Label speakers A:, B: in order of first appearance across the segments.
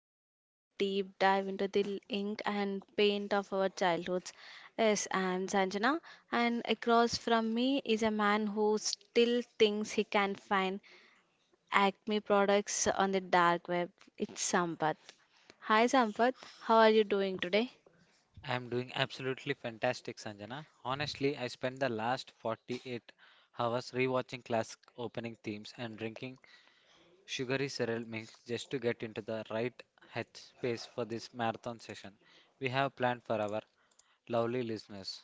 A: we take a deep dive into the ink and paint of our childhoods. Yes, I'm Sanjana, and across from me is a man who still thinks he can find Acme products on the dark web. It's Sampath. Hi Sampath, how are you doing today?
B: I'm doing absolutely fantastic, Sanjana. Honestly, I spent the last 48 hours rewatching classic opening themes and drinking sugary cereal milk just to get into the right headspace for this marathon session we have planned for our lovely listeners.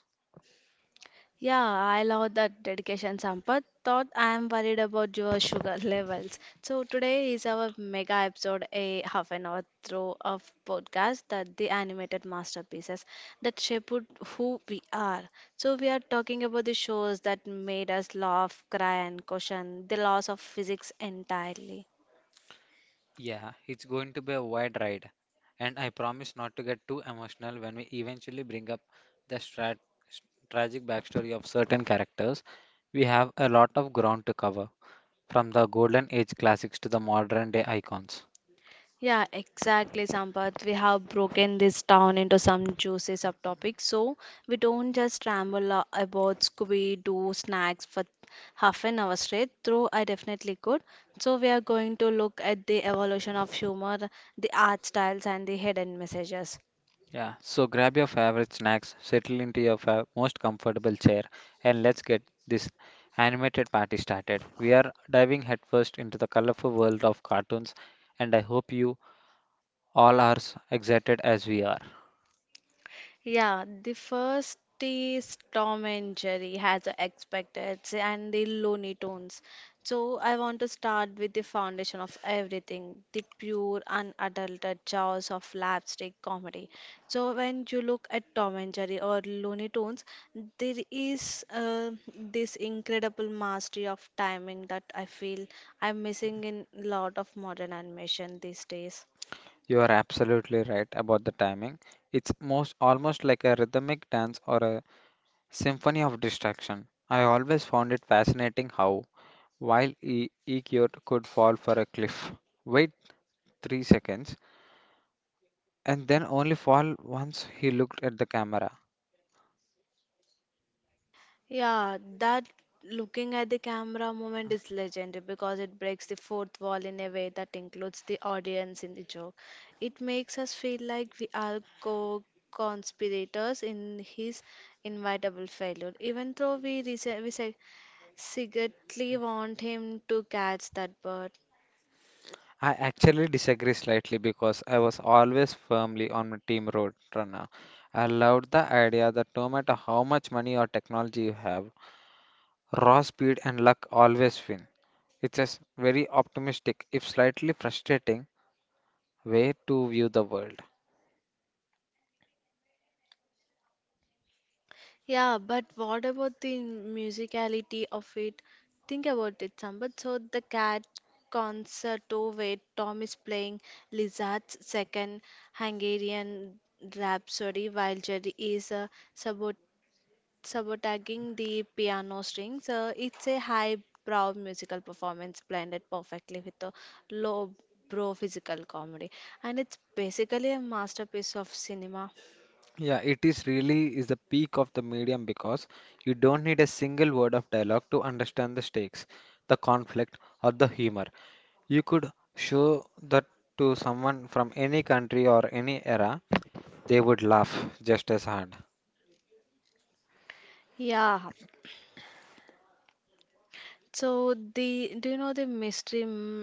A: Yeah, I love that dedication, Sampath. Thought I am worried about your sugar levels. So today is our mega episode, a half an hour through of podcast that the animated masterpieces that shaped who we are. So we are talking about the shows that made us laugh, cry, and question the laws of physics entirely.
B: Yeah, it's going to be a wide ride, and I promise not to get too emotional when we eventually bring up the tragic backstory of certain characters. We have a lot of ground to cover, from the golden age classics to the modern day icons.
A: Yeah, exactly, Sampath. We have broken this down into some juicy subtopics, so we don't just ramble about Scooby-Doo snacks for half an hour straight, though I definitely could. So we are going to look at the evolution of humor, the art styles, and the hidden messages.
B: Yeah, so grab your favorite snacks, settle into your most comfortable chair, and let's get this animated party started. We are diving headfirst into the colorful world of cartoons, and I hope you all are as excited as we are.
A: Yeah, the first is Tom and Jerry has expected and the Looney Tunes. So I want to start with the foundation of everything, the pure unadulterated jaws of slapstick comedy. So when you look at Tom and Jerry or Looney Tunes, there is this incredible mastery of timing that I feel I'm missing in a lot of modern animation these days.
B: You are absolutely right about the timing. It's most almost like a rhythmic dance or a symphony of distraction. I always found it fascinating how while Ikkyot could fall for a cliff, wait 3 seconds, and then only fall once he looked at the camera.
A: Yeah, that looking at the camera moment is legendary because it breaks the fourth wall in a way that includes the audience in the joke. It makes us feel like we are co-conspirators in his inevitable failure, even though we secretly want him to catch that bird.
B: I actually disagree slightly because I was always firmly on my team Roadrunner. I loved the idea that no matter how much money or technology you have, raw speed and luck always win. It's a very optimistic, if slightly frustrating, way to view the world.
A: Yeah, but what about the musicality of it? Think about it, Sampath. So the cat concerto where Tom is playing Lizard's second Hungarian Rhapsody while Jerry is sabot sabotaging the piano strings. It's a high-brow musical performance blended perfectly with a low-brow physical comedy, and it's basically a masterpiece of cinema.
B: Yeah, it is really is the peak of the medium because you don't need a single word of dialogue to understand the stakes, the conflict, or the humor. You could show that to someone from any country or any era, they would laugh just as hard.
A: Yeah, so the do you know the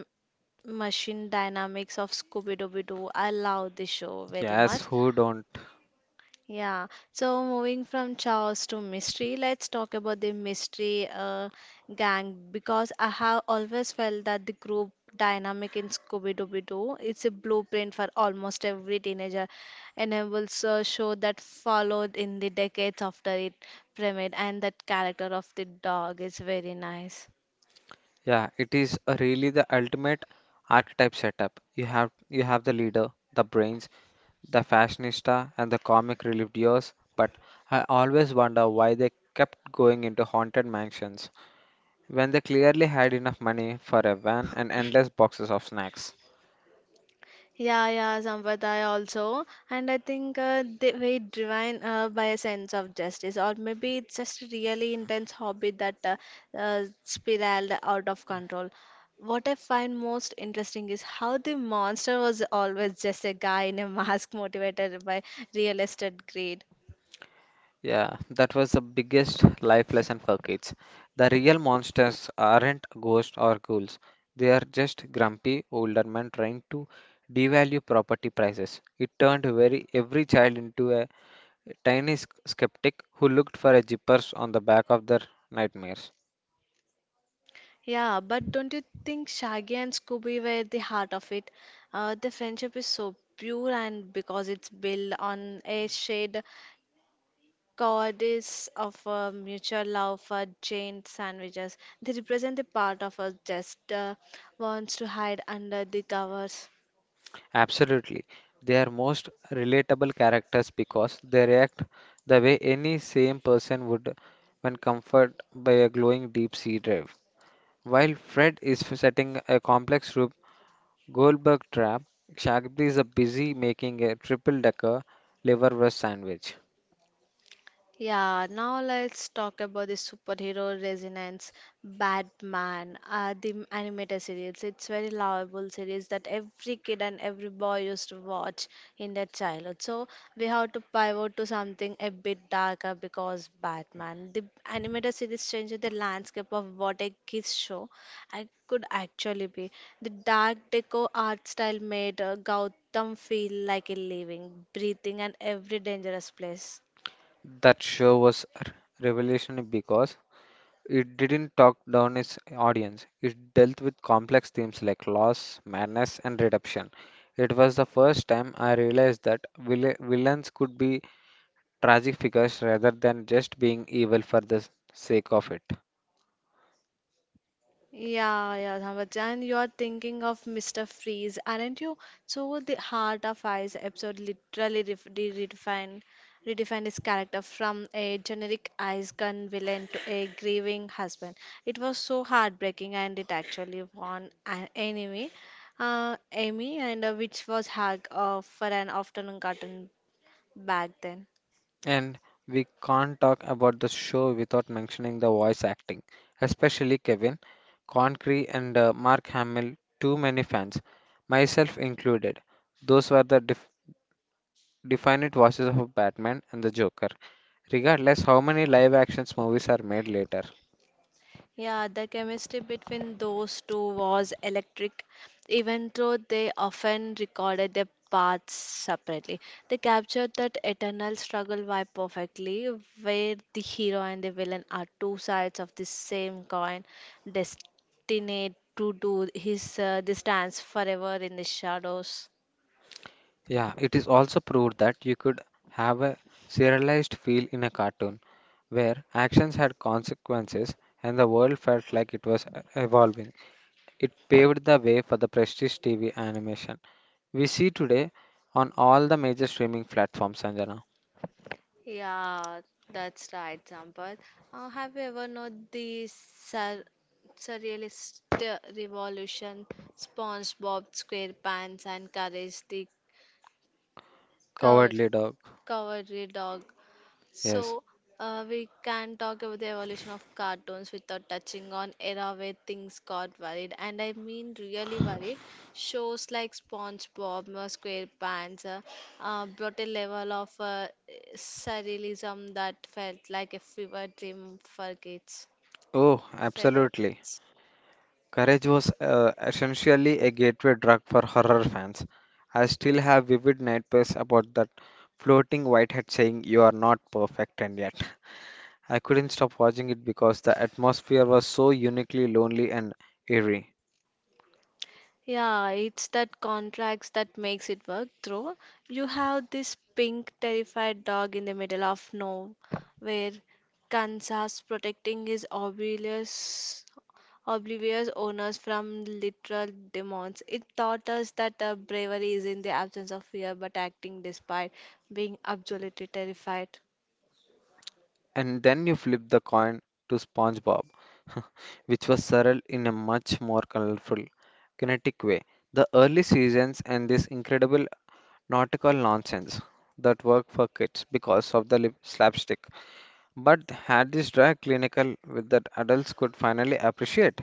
A: machine dynamics of Scooby-Dooby-Doo? I love this show very much.
B: Yes, who don't?
A: Yeah. So moving from chaos to mystery, let's talk about the mystery gang because I have always felt that the group dynamic in Scooby-Dooby-Doo it's a blueprint for almost every teenager enables a show that followed in the decades after it premiered, and that character of the dog is very nice.
B: Yeah, it is a really the ultimate archetype setup. You have the leader, the brains, the fashionista, and the comic relief duos. But I always wonder why they kept going into haunted mansions when they clearly had enough money for a van and endless boxes of snacks.
A: Yeah, yeah, Sampradaya also. And I think they were driven by a sense of justice, or maybe it's just a really intense hobby that spiraled out of control. What I find most interesting is how the monster was always just a guy in a mask motivated by real estate greed.
B: Yeah, that was the biggest life lesson for kids. The real monsters aren't ghosts or ghouls. They are just grumpy older men trying to devalue property prices. It turned very every child into a tiny skeptic who looked for a zippers on the back of their nightmares.
A: Yeah, but don't you think Shaggy and Scooby were the heart of it? The friendship is so pure and because it's built on a shared goddess of a mutual love for giant sandwiches. They represent the part of us just wants to hide under the covers.
B: Absolutely. They are most relatable characters because they react the way any same person would when comforted by a glowing deep sea drive. While Fred is setting a complex rope Goldberg trap, Shaggy is a busy making a triple decker liverwurst sandwich.
A: Yeah, now let's talk about the superhero resonance. Batman, the animated series. It's very lovable series that every kid and every boy used to watch in their childhood. So we have to pivot to something a bit darker because Batman, the animated series changed the landscape of what a kids show I could actually be. The dark deco art style made Gotham feel like a living, breathing, and every dangerous place.
B: That show was revolutionary because it didn't talk down its audience. It dealt with complex themes like loss, madness, and redemption. It was the first time I realized that villains could be tragic figures rather than just being evil for the sake of it.
A: Yeah, yeah, Dhamraj, and you're thinking of Mr. Freeze, aren't you? So the Heart of Ice episode literally redefined his character from a generic ice gun villain to a grieving husband. It was so heartbreaking, and it actually won an Emmy, and which was hug for an afternoon cartoon back then.
B: And we can't talk about the show without mentioning the voice acting, especially Kevin Concree and Mark Hamill, too many fans, myself included. Those were the definite voices of Batman and the Joker, regardless how many live actions movies are made later.
A: Yeah, the chemistry between those two was electric. Even though they often recorded their paths separately, they captured that eternal struggle vibe perfectly, where the hero and the villain are two sides of the same coin, destined to do his this dance forever in the shadows.
B: Yeah, it is also proved that you could have a serialized feel in a cartoon where actions had consequences and the world felt like it was evolving. It paved the way for the prestige TV animation we see today on all the major streaming platforms, Sanjana.
A: Yeah, that's right, Sampath. Have you ever known the surrealist revolution, SpongeBob SquarePants and Courage the Cow
B: Cowardly Dog.
A: Cowardly Dog?
B: Yes.
A: So, we can talk about the evolution of cartoons without touching on era where things got worried, and I mean really worried. Shows like SpongeBob, SquarePants brought a level of surrealism that felt like a fever dream for kids.
B: Oh,
A: Fever dream.
B: absolutely. Courage was essentially a gateway drug for horror fans. I still have vivid nightmares about that floating whitehead saying, "You are not perfect, and yet." I couldn't stop watching it because the atmosphere was so uniquely lonely and eerie.
A: Yeah, it's that contrast that makes it work through. You have this pink, terrified dog in the middle of nowhere, Kansas, protecting his oblivious owners from literal demons. It taught us that bravery is in the absence of fear, but acting despite being absolutely terrified.
B: And then you flip the coin to SpongeBob, which was surreal in a much more colorful, kinetic way. The early seasons and this incredible nautical nonsense that worked for kids because of the lip slapstick but had this dry clinical with that adults could finally appreciate?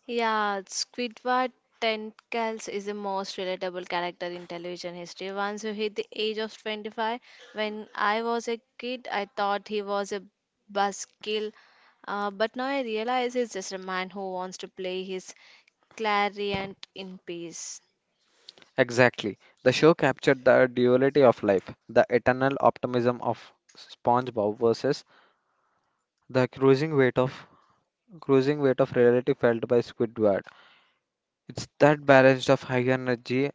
A: Yeah, Squidward Tentacles is the most relatable character in television history. Once you hit the age of 25, when I was a kid, I thought he was a buskill, but now I realize he's just a man who wants to play his clarinet in peace.
B: Exactly. The show captured the duality of life, the eternal optimism of SpongeBob versus the cruising weight of reality felt by Squidward. It's that balance of high energy,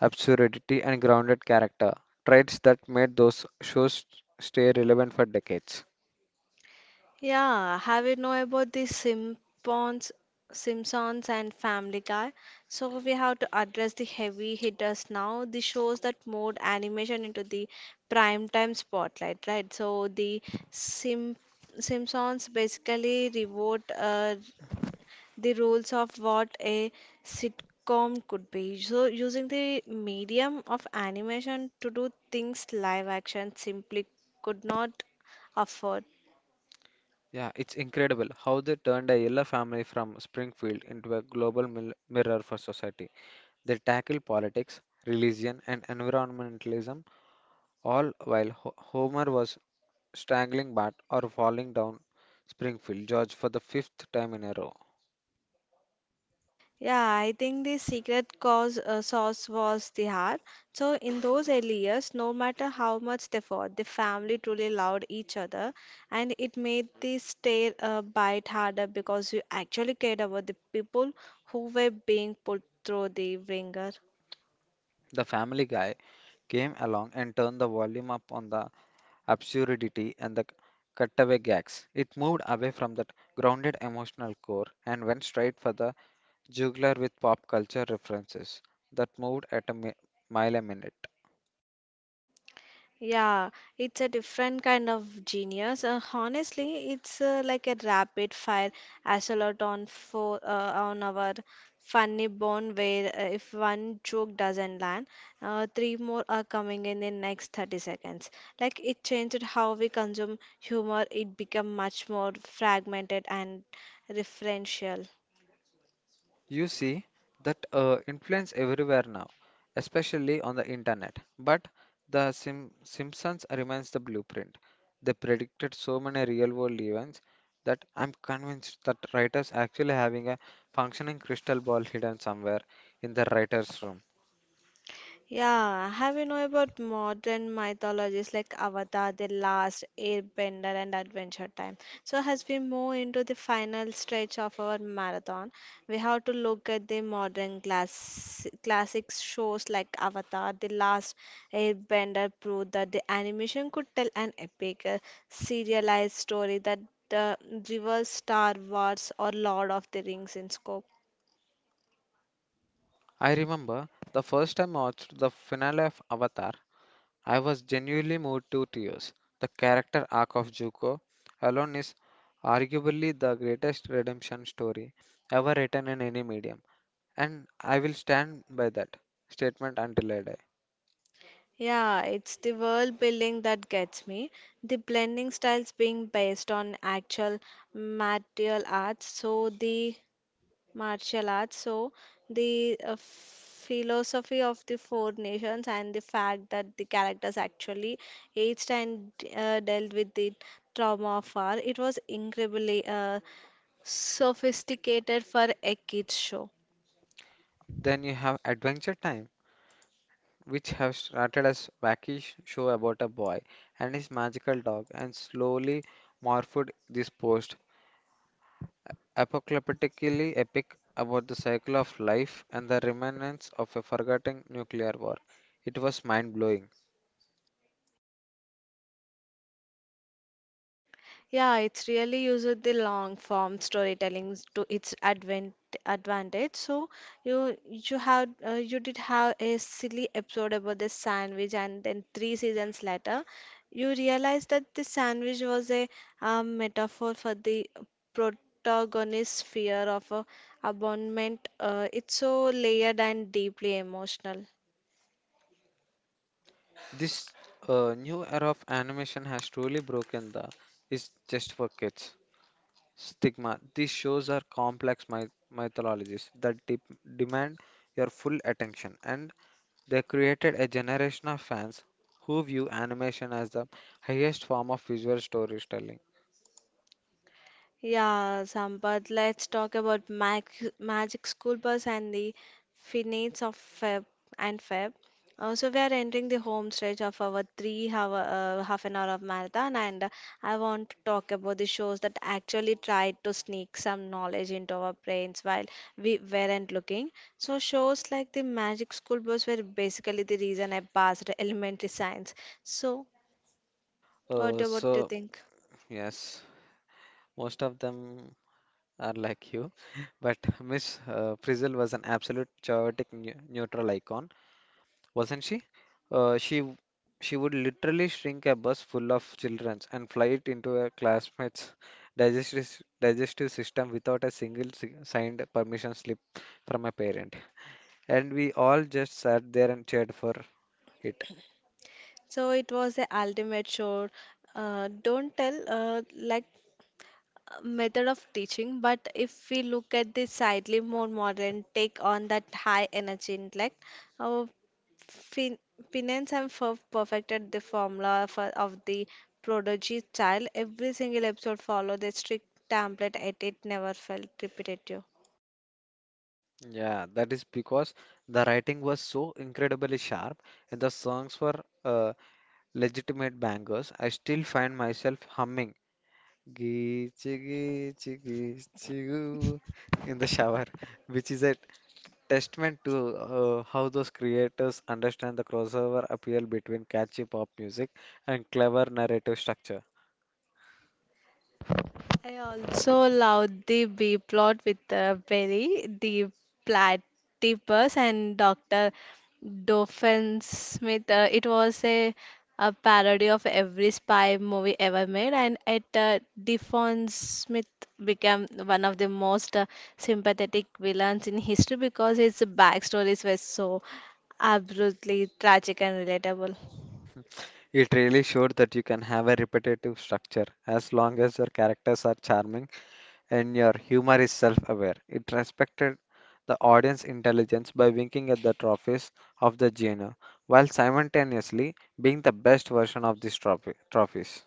B: absurdity, and grounded character traits that made those shows stay relevant for decades.
A: Yeah, have you know about the Simpsons, Simpsons and Family Guy? So we have to address the heavy hitters now, the shows that moved animation into the prime time spotlight, right? So the Sim Simpsons basically rewrote the rules of what a sitcom could be. So using the medium of animation to do things live action simply could not afford.
B: Yeah, it's incredible how they turned a yellow family from Springfield into a global mirror for society. They tackle politics, religion, and environmentalism, all while Homer was strangling Bart or falling down Springfield George for the fifth time in a row.
A: Yeah, I think the secret cause sauce was the heart. So in those early years, no matter how much they fought, the family truly loved each other, and it made the stay bite harder because you actually cared about the people who were being put through the ringer.
B: The family guy came along and turned the volume up on the absurdity and the cutaway gags. It moved away from that grounded emotional core and went straight for the juggler with pop culture references that moved at a mile a minute.
A: Yeah, it's a different kind of genius. Honestly, it's like a rapid fire assault on our funny bone where if one joke doesn't land, three more are coming in the next 30 seconds. Like it changed how we consume humor. It became much more fragmented and referential.
B: You see that influence everywhere now, especially on the internet. But the Simpsons remains the blueprint. They predicted so many real-world events that I'm convinced that writers actually having a functioning crystal ball hidden somewhere in the writer's room.
A: Yeah, have you know about modern mythologies like Avatar, The Last Airbender, and Adventure Time? So, as we move into the final stretch of our marathon, we have to look at the modern classic shows like Avatar, The Last Airbender prove that the animation could tell an epic, serialized story that uh, reverse Star Wars or Lord of the Rings in scope.
B: I remember the first time I watched the finale of Avatar. I was genuinely moved to tears. The character arc of Zuko alone is arguably the greatest redemption story ever written in any medium, and I will stand by that statement until I die.
A: Yeah, it's the world building that gets me. The blending styles being based on actual martial arts, so the martial arts, so the philosophy of the four nations, and the fact that the characters actually aged and dealt with the trauma of war. It was incredibly sophisticated for a kids show.
B: Then you have Adventure Time, which have started as wacky show about a boy and his magical dog, and slowly morphed this post apocalyptically epic about the cycle of life and the remnants of a forgotten nuclear war. It was mind blowing.
A: Yeah, it's really used the long form storytelling to its advent advantage. So you had you did have a silly episode about the sandwich, and then three seasons later, you realize that the sandwich was a metaphor for the protagonist's fear of a abandonment. It's so layered and deeply emotional.
B: This new era of animation has truly broken the "is just for kids" stigma. These shows are complex mythologies that demand your full attention, and they created a generation of fans who view animation as the highest form of visual storytelling.
A: Yeah, Sampath, let's talk about Magic School Bus and the finales of Feb and Feb. So we are entering the home stretch of our 3 hour, half an hour of marathon, and I want to talk about the shows that actually tried to sneak some knowledge into our brains while we weren't looking. So shows like the Magic School Bus were basically the reason I passed elementary science. So what
B: Uh,
A: about you
B: so
A: think?
B: yes, most of them are like you. But Miss Frizzle was an absolute chaotic neutral icon, wasn't she? Uh, she w- she would literally shrink a bus full of children and fly it into a classmate's digestive system without a single signed permission slip from a parent. And we all just sat there and cheered for it.
A: So it was the ultimate show. Don't tell like method of teaching, but if we look at the slightly more modern take on that high energy intellect, uh, fin Pinance and Ferb perfected the formula of the prodigy child. Every single episode followed a strict template, and it never felt repetitive.
B: Yeah, that is because the writing was so incredibly sharp and the songs were legitimate bangers. I still find myself humming Geechu, geechu, geechu in the shower, which is a testament to how those creators understand the crossover appeal between catchy pop music and clever narrative structure.
A: I also loved the B plot with Berry, the platypus, and Dr. Doofenshmirtz. It was a parody of every spy movie ever made, and it Doofenshmirtz became one of the most sympathetic villains in history because his backstories were so absolutely tragic and relatable.
B: It really showed that you can have a repetitive structure as long as your characters are charming and your humor is self aware. It respected the audience intelligence by winking at the trophies of the genre while simultaneously being the best version of these trophies.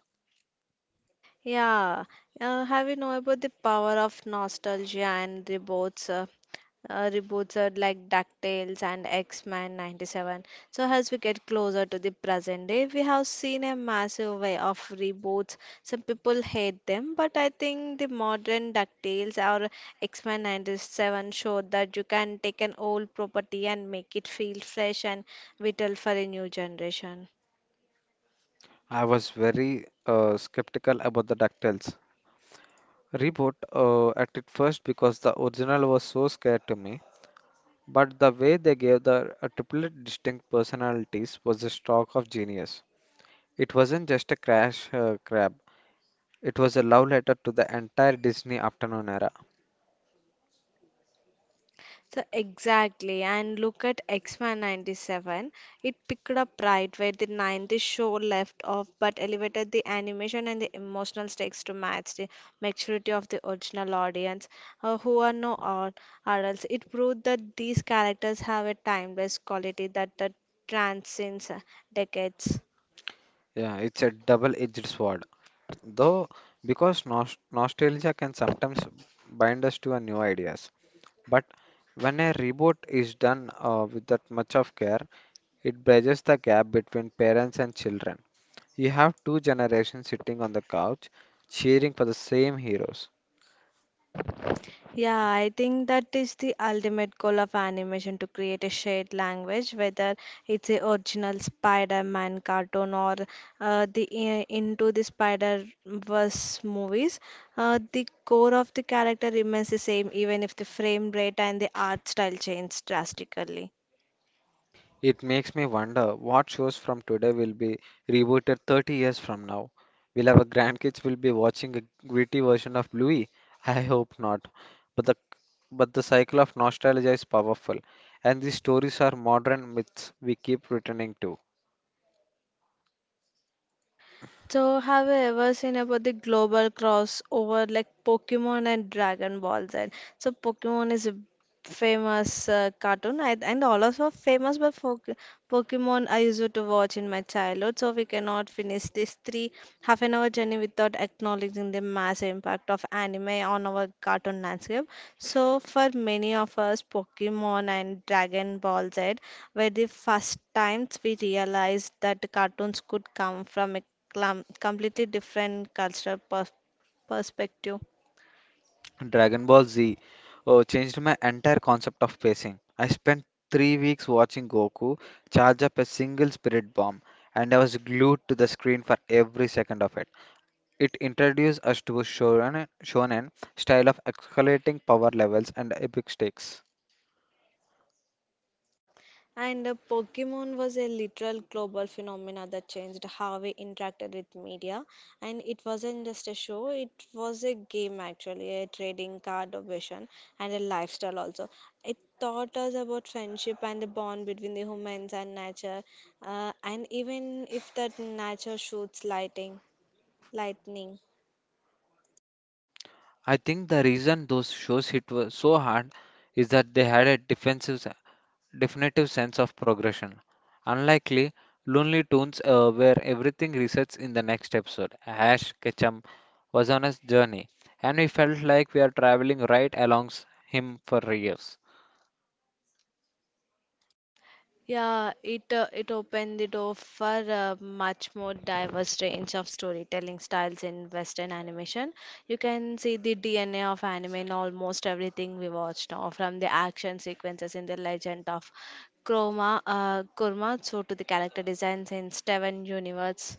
A: Yeah, have you know about the power of nostalgia and reboots? Reboots are like DuckTales and X-Men 97. So as we get closer to the present day, we have seen a massive way of reboots. Some people hate them, but I think the modern DuckTales or X-Men 97 show that you can take an old property and make it feel fresh and vital for a new generation.
B: I was very skeptical about the DuckTales reboot at it first because the original was so scared to me, but the way they gave the triplet distinct personalities was a stroke of genius. It wasn't just a crash grab; it was a love letter to the entire Disney afternoon era.
A: So exactly, and look at X-Men 97. It picked up right where the 90s show left off, but elevated the animation and the emotional stakes to match the maturity of the original audience, who are no ad- adults. It proved that these characters have a timeless quality that transcends decades.
B: Yeah, it's a double-edged sword. Though, because nos nostalgia can sometimes bind us to our new ideas, but when a reboot is done with that much of care, it bridges the gap between parents and children. You have two generations sitting on the couch, cheering for the same heroes.
A: Yeah, I think that is the ultimate goal of animation to create a shared language, whether it's the original Spider-Man cartoon or Into the Spider-Verse movies. The core of the character remains the same, even if the frame rate and the art style change drastically.
B: It makes me wonder what shows from today will be rebooted 30 years from now. Will our grandkids will be watching a gritty version of Bluey? I hope not. But the But the cycle of nostalgia is powerful, and these stories are modern myths we keep returning to.
A: So, have you ever seen about the global crossover like Pokemon and Dragon Ball Z? So, Pokemon is famous cartoon I, and all of are famous but for Pokemon I used to watch in my childhood, so we cannot finish this three half an hour journey without acknowledging the massive impact of anime on our cartoon landscape. So for many of us, Pokemon and Dragon Ball Z were the first times we realized that the cartoons could come from a completely different cultural perspective.
B: Dragon Ball Z oh, changed my entire concept of pacing. I spent 3 weeks watching Goku charge up a single spirit bomb, and I was glued to the screen for every second of it. It introduced us to a shonen style of escalating power levels and epic stakes.
A: And Pokemon was a literal global phenomena that changed how we interacted with media. And it wasn't just a show, it was a game actually, a trading card version, and a lifestyle also. It taught us about friendship and the bond between the humans and nature, and even if that nature shoots lightning.
B: I think the reason those shows hit were so hard is that they had a defensive definitive sense of progression. Unlikely, Lonely Tunes, where everything resets in the next episode. Ash Ketchum was on his journey, and we felt like we are traveling right along him for years.
A: Yeah, it opened the door for a much more diverse range of storytelling styles in Western animation. You can see the DNA of anime in almost everything we watch now, from the action sequences in The Legend of Kurma, so to the character designs in Steven Universe.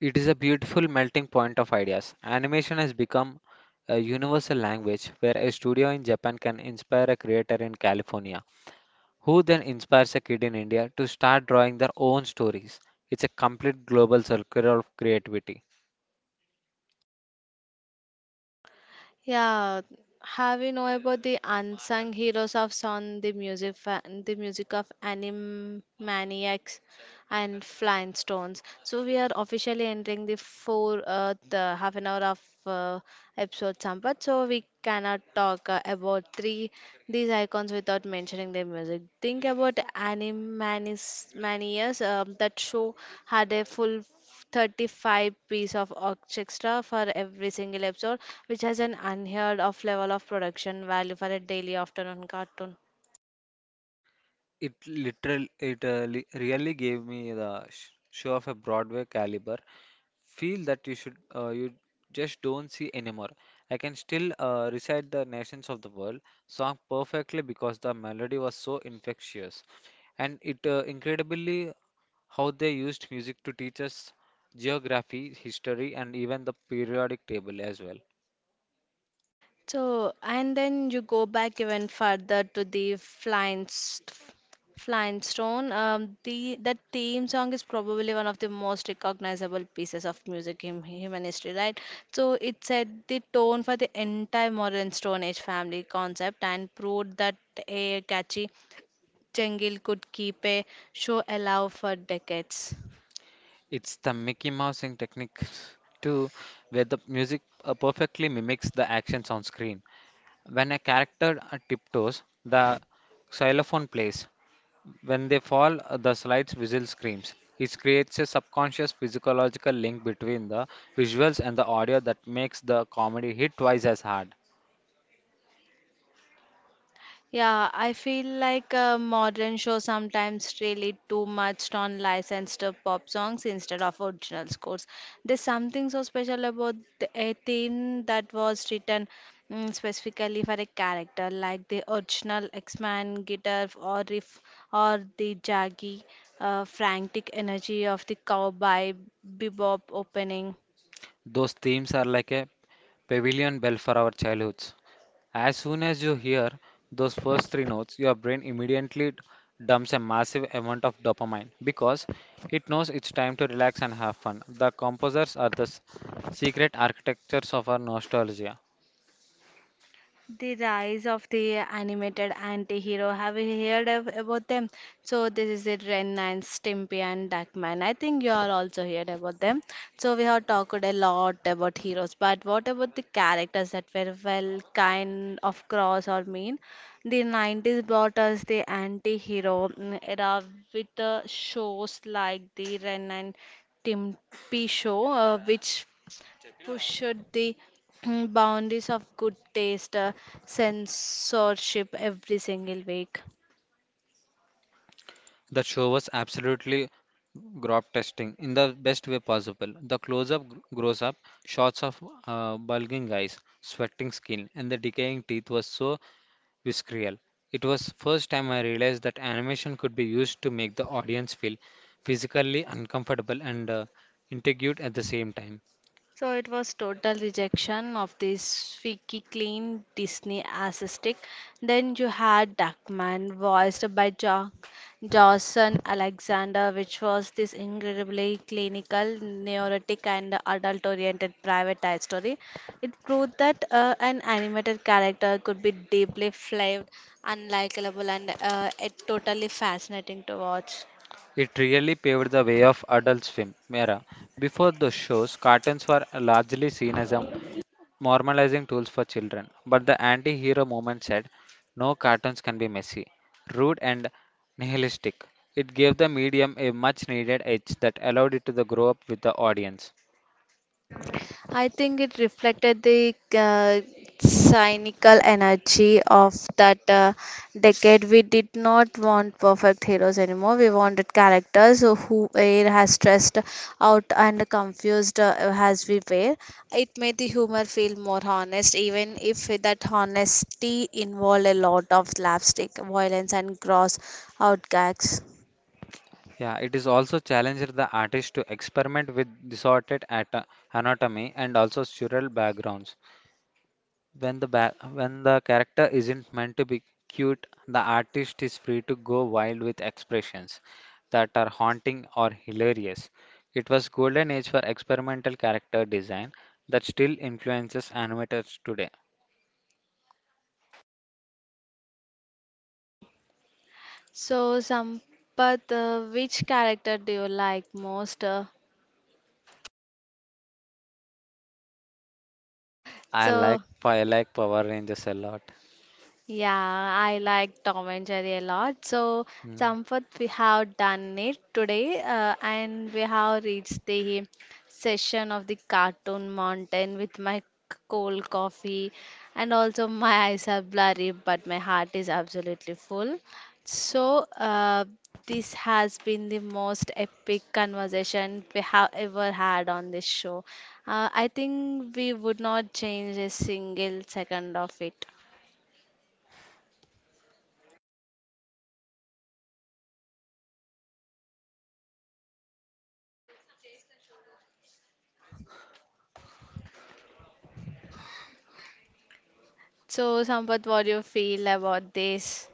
B: It is a beautiful melting point of ideas. Animation has become a universal language where a studio in Japan can inspire a creator in California, who then inspires a kid in India to start drawing their own stories. It's a complete global circle of creativity.
A: Yeah, have you know about the unsung heroes of song, the music, the music of Animaniacs and Flying Stones? So we are officially entering the the half an hour of episode Sampat. So we cannot talk about three these icons without mentioning their music. Think about Animaniacs. Manias, that show had a full 35 piece of orchestra for every single episode, which has an unheard of level of production value for a daily afternoon cartoon.
B: It literally, it li- Really gave me the show of a Broadway caliber feel that you should, you just don't see anymore. I can still recite the Nations of the World song perfectly because the melody was so infectious, and it incredibly how they used music to teach us geography, history, and even the periodic table as well.
A: So, and then you go back even further to the Flying Stone. The That theme song is probably one of the most recognizable pieces of music in human history, right? So it set the tone for the entire modern Stone Age family concept and proved that a catchy Jengil could keep a show alive for decades.
B: It's the Mickey Mousing technique too, where the music perfectly mimics the actions on screen. When a character tiptoes, the xylophone plays. When they fall, the slide's whistle screams. It creates a subconscious physiological link between the visuals and the audio that makes the comedy hit twice as hard.
A: Yeah, I feel like modern shows sometimes really too much on licensed pop songs instead of original scores. There's something so special about a theme that was written specifically for a character, like the original X-Man guitar or riff, or the jaggy, frantic energy of the cowboy bebop opening.
B: Those themes are like a pavilion bell for our childhoods. As soon as you hear those first three notes, your brain immediately dumps a massive amount of dopamine because it knows it's time to relax and have fun. The composers are the secret architectures of our nostalgia.
A: The rise of the animated anti-hero. Have you heard of, about them? So this is it, Ren and Stimpy and Duckman. I think you all also heard about them. So we have talked a lot about heroes, but what about the characters that were well kind of cross or mean? The 90s brought us the anti-hero era with the shows like the Ren and Stimpy show, which pushed the boundaries of good taste, censorship every single week.
B: The show was absolutely growth testing in the best way possible. The close up grows up, shots of bulging eyes, sweating skin, and the decaying teeth was so visceral. It was first time I realized that animation could be used to make the audience feel physically uncomfortable and intrigued at the same time.
A: So it was total rejection of this squeaky clean Disney aesthetic. Then you had Duckman, voiced by Jason Alexander, which was this incredibly clinical, neurotic, and adult-oriented private eye story. It proved that an animated character could be deeply flawed, unlikable, and it totally fascinating to watch.
B: It really paved the way of adult swim era. Before those shows, cartoons were largely seen as a normalizing tools for children. But the anti-hero movement said, no cartoons can be messy, rude and nihilistic. It gave the medium a much needed edge that allowed it to the grow up with the audience.
A: I think it reflected the cynical energy of that decade. We did not want perfect heroes anymore. We wanted characters who were as stressed out and confused as we were. It made the humor feel more honest, even if that honesty involved a lot of slapstick, violence, and gross out gags.
B: Yeah, it is also challenged the artist to experiment with distorted anatomy and also surreal backgrounds. When the character isn't meant to be cute, the artist is free to go wild with expressions that are haunting or hilarious. It was golden age for experimental character design that still influences animators today.
A: Ending. So, Sampath, which character do you like most?
B: I
A: So,
B: like I like Power Rangers a lot.
A: Yeah, I like Tom and Jerry a lot. So,
B: Hmm.
A: Sampath, we have done it today, and we have reached the session of the cartoon mountain with my cold coffee, and also my eyes are blurry, but my heart is absolutely full. So, this has been the most epic conversation we have ever had on this show. I think we would not change a single second of it. So, Sampath, what do you feel about this?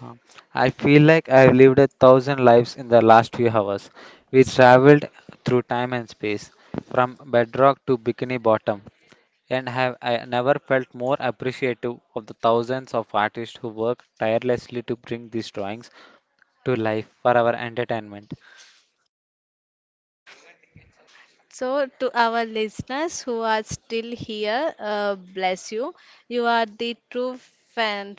B: Uh, I feel like I've lived a 1,000 lives in the last few hours. We
A: Slow.
B: traveled through time and space, from bedrock to bikini bottom, and have I never felt more appreciative of the 1,000s of artists who work tirelessly to bring these drawings to life for our entertainment.
A: So, to our listeners who are still here, bless you. You are the true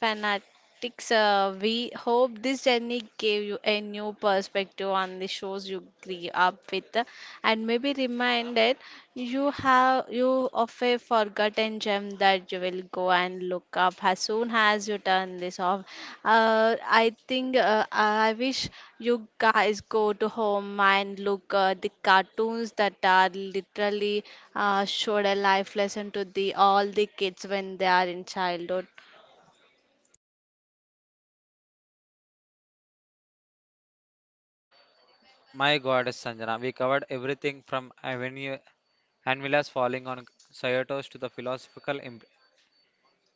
A: Fanatics, we hope this journey gave you a new perspective on the shows you grew up with, and maybe reminded you of a forgotten gem that you will go and look up as soon as you turn this off. I wish you guys go to home and look the cartoons that are literally showed a life lesson to the all the kids when they are in childhood.
B: My goddess Sanjana, we covered everything from Avenue Anvila's falling on Kyoto's to the philosophical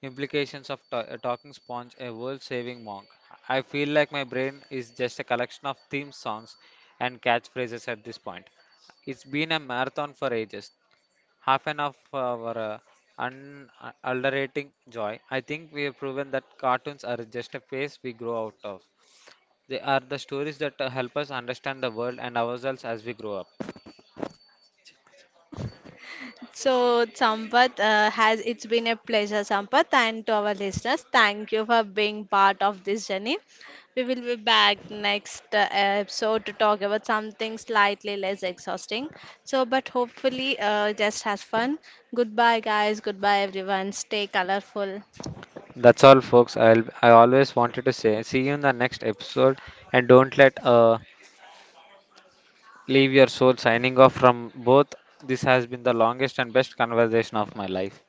B: implications of a Talking Sponge, a world saving monk. I feel like my brain is just a collection of theme songs and catchphrases at this point. It's been a marathon for ages, half an hour for our unalterating joy. I think we have proven that cartoons are just a phase we grow out of. They are the stories that help us understand the world and ourselves as we grow up.
A: So, Sampath, has it's been a pleasure, Sampath, and to our listeners, thank you for being part of this journey. We will be back next episode to talk about something slightly less exhausting. So, but hopefully, just has fun. Goodbye, guys. Goodbye, everyone. Stay colorful.
B: That's all, folks. I always wanted to say, see you in the next episode, and don't let leave your soul signing off from both. This has been the longest and best conversation of my life.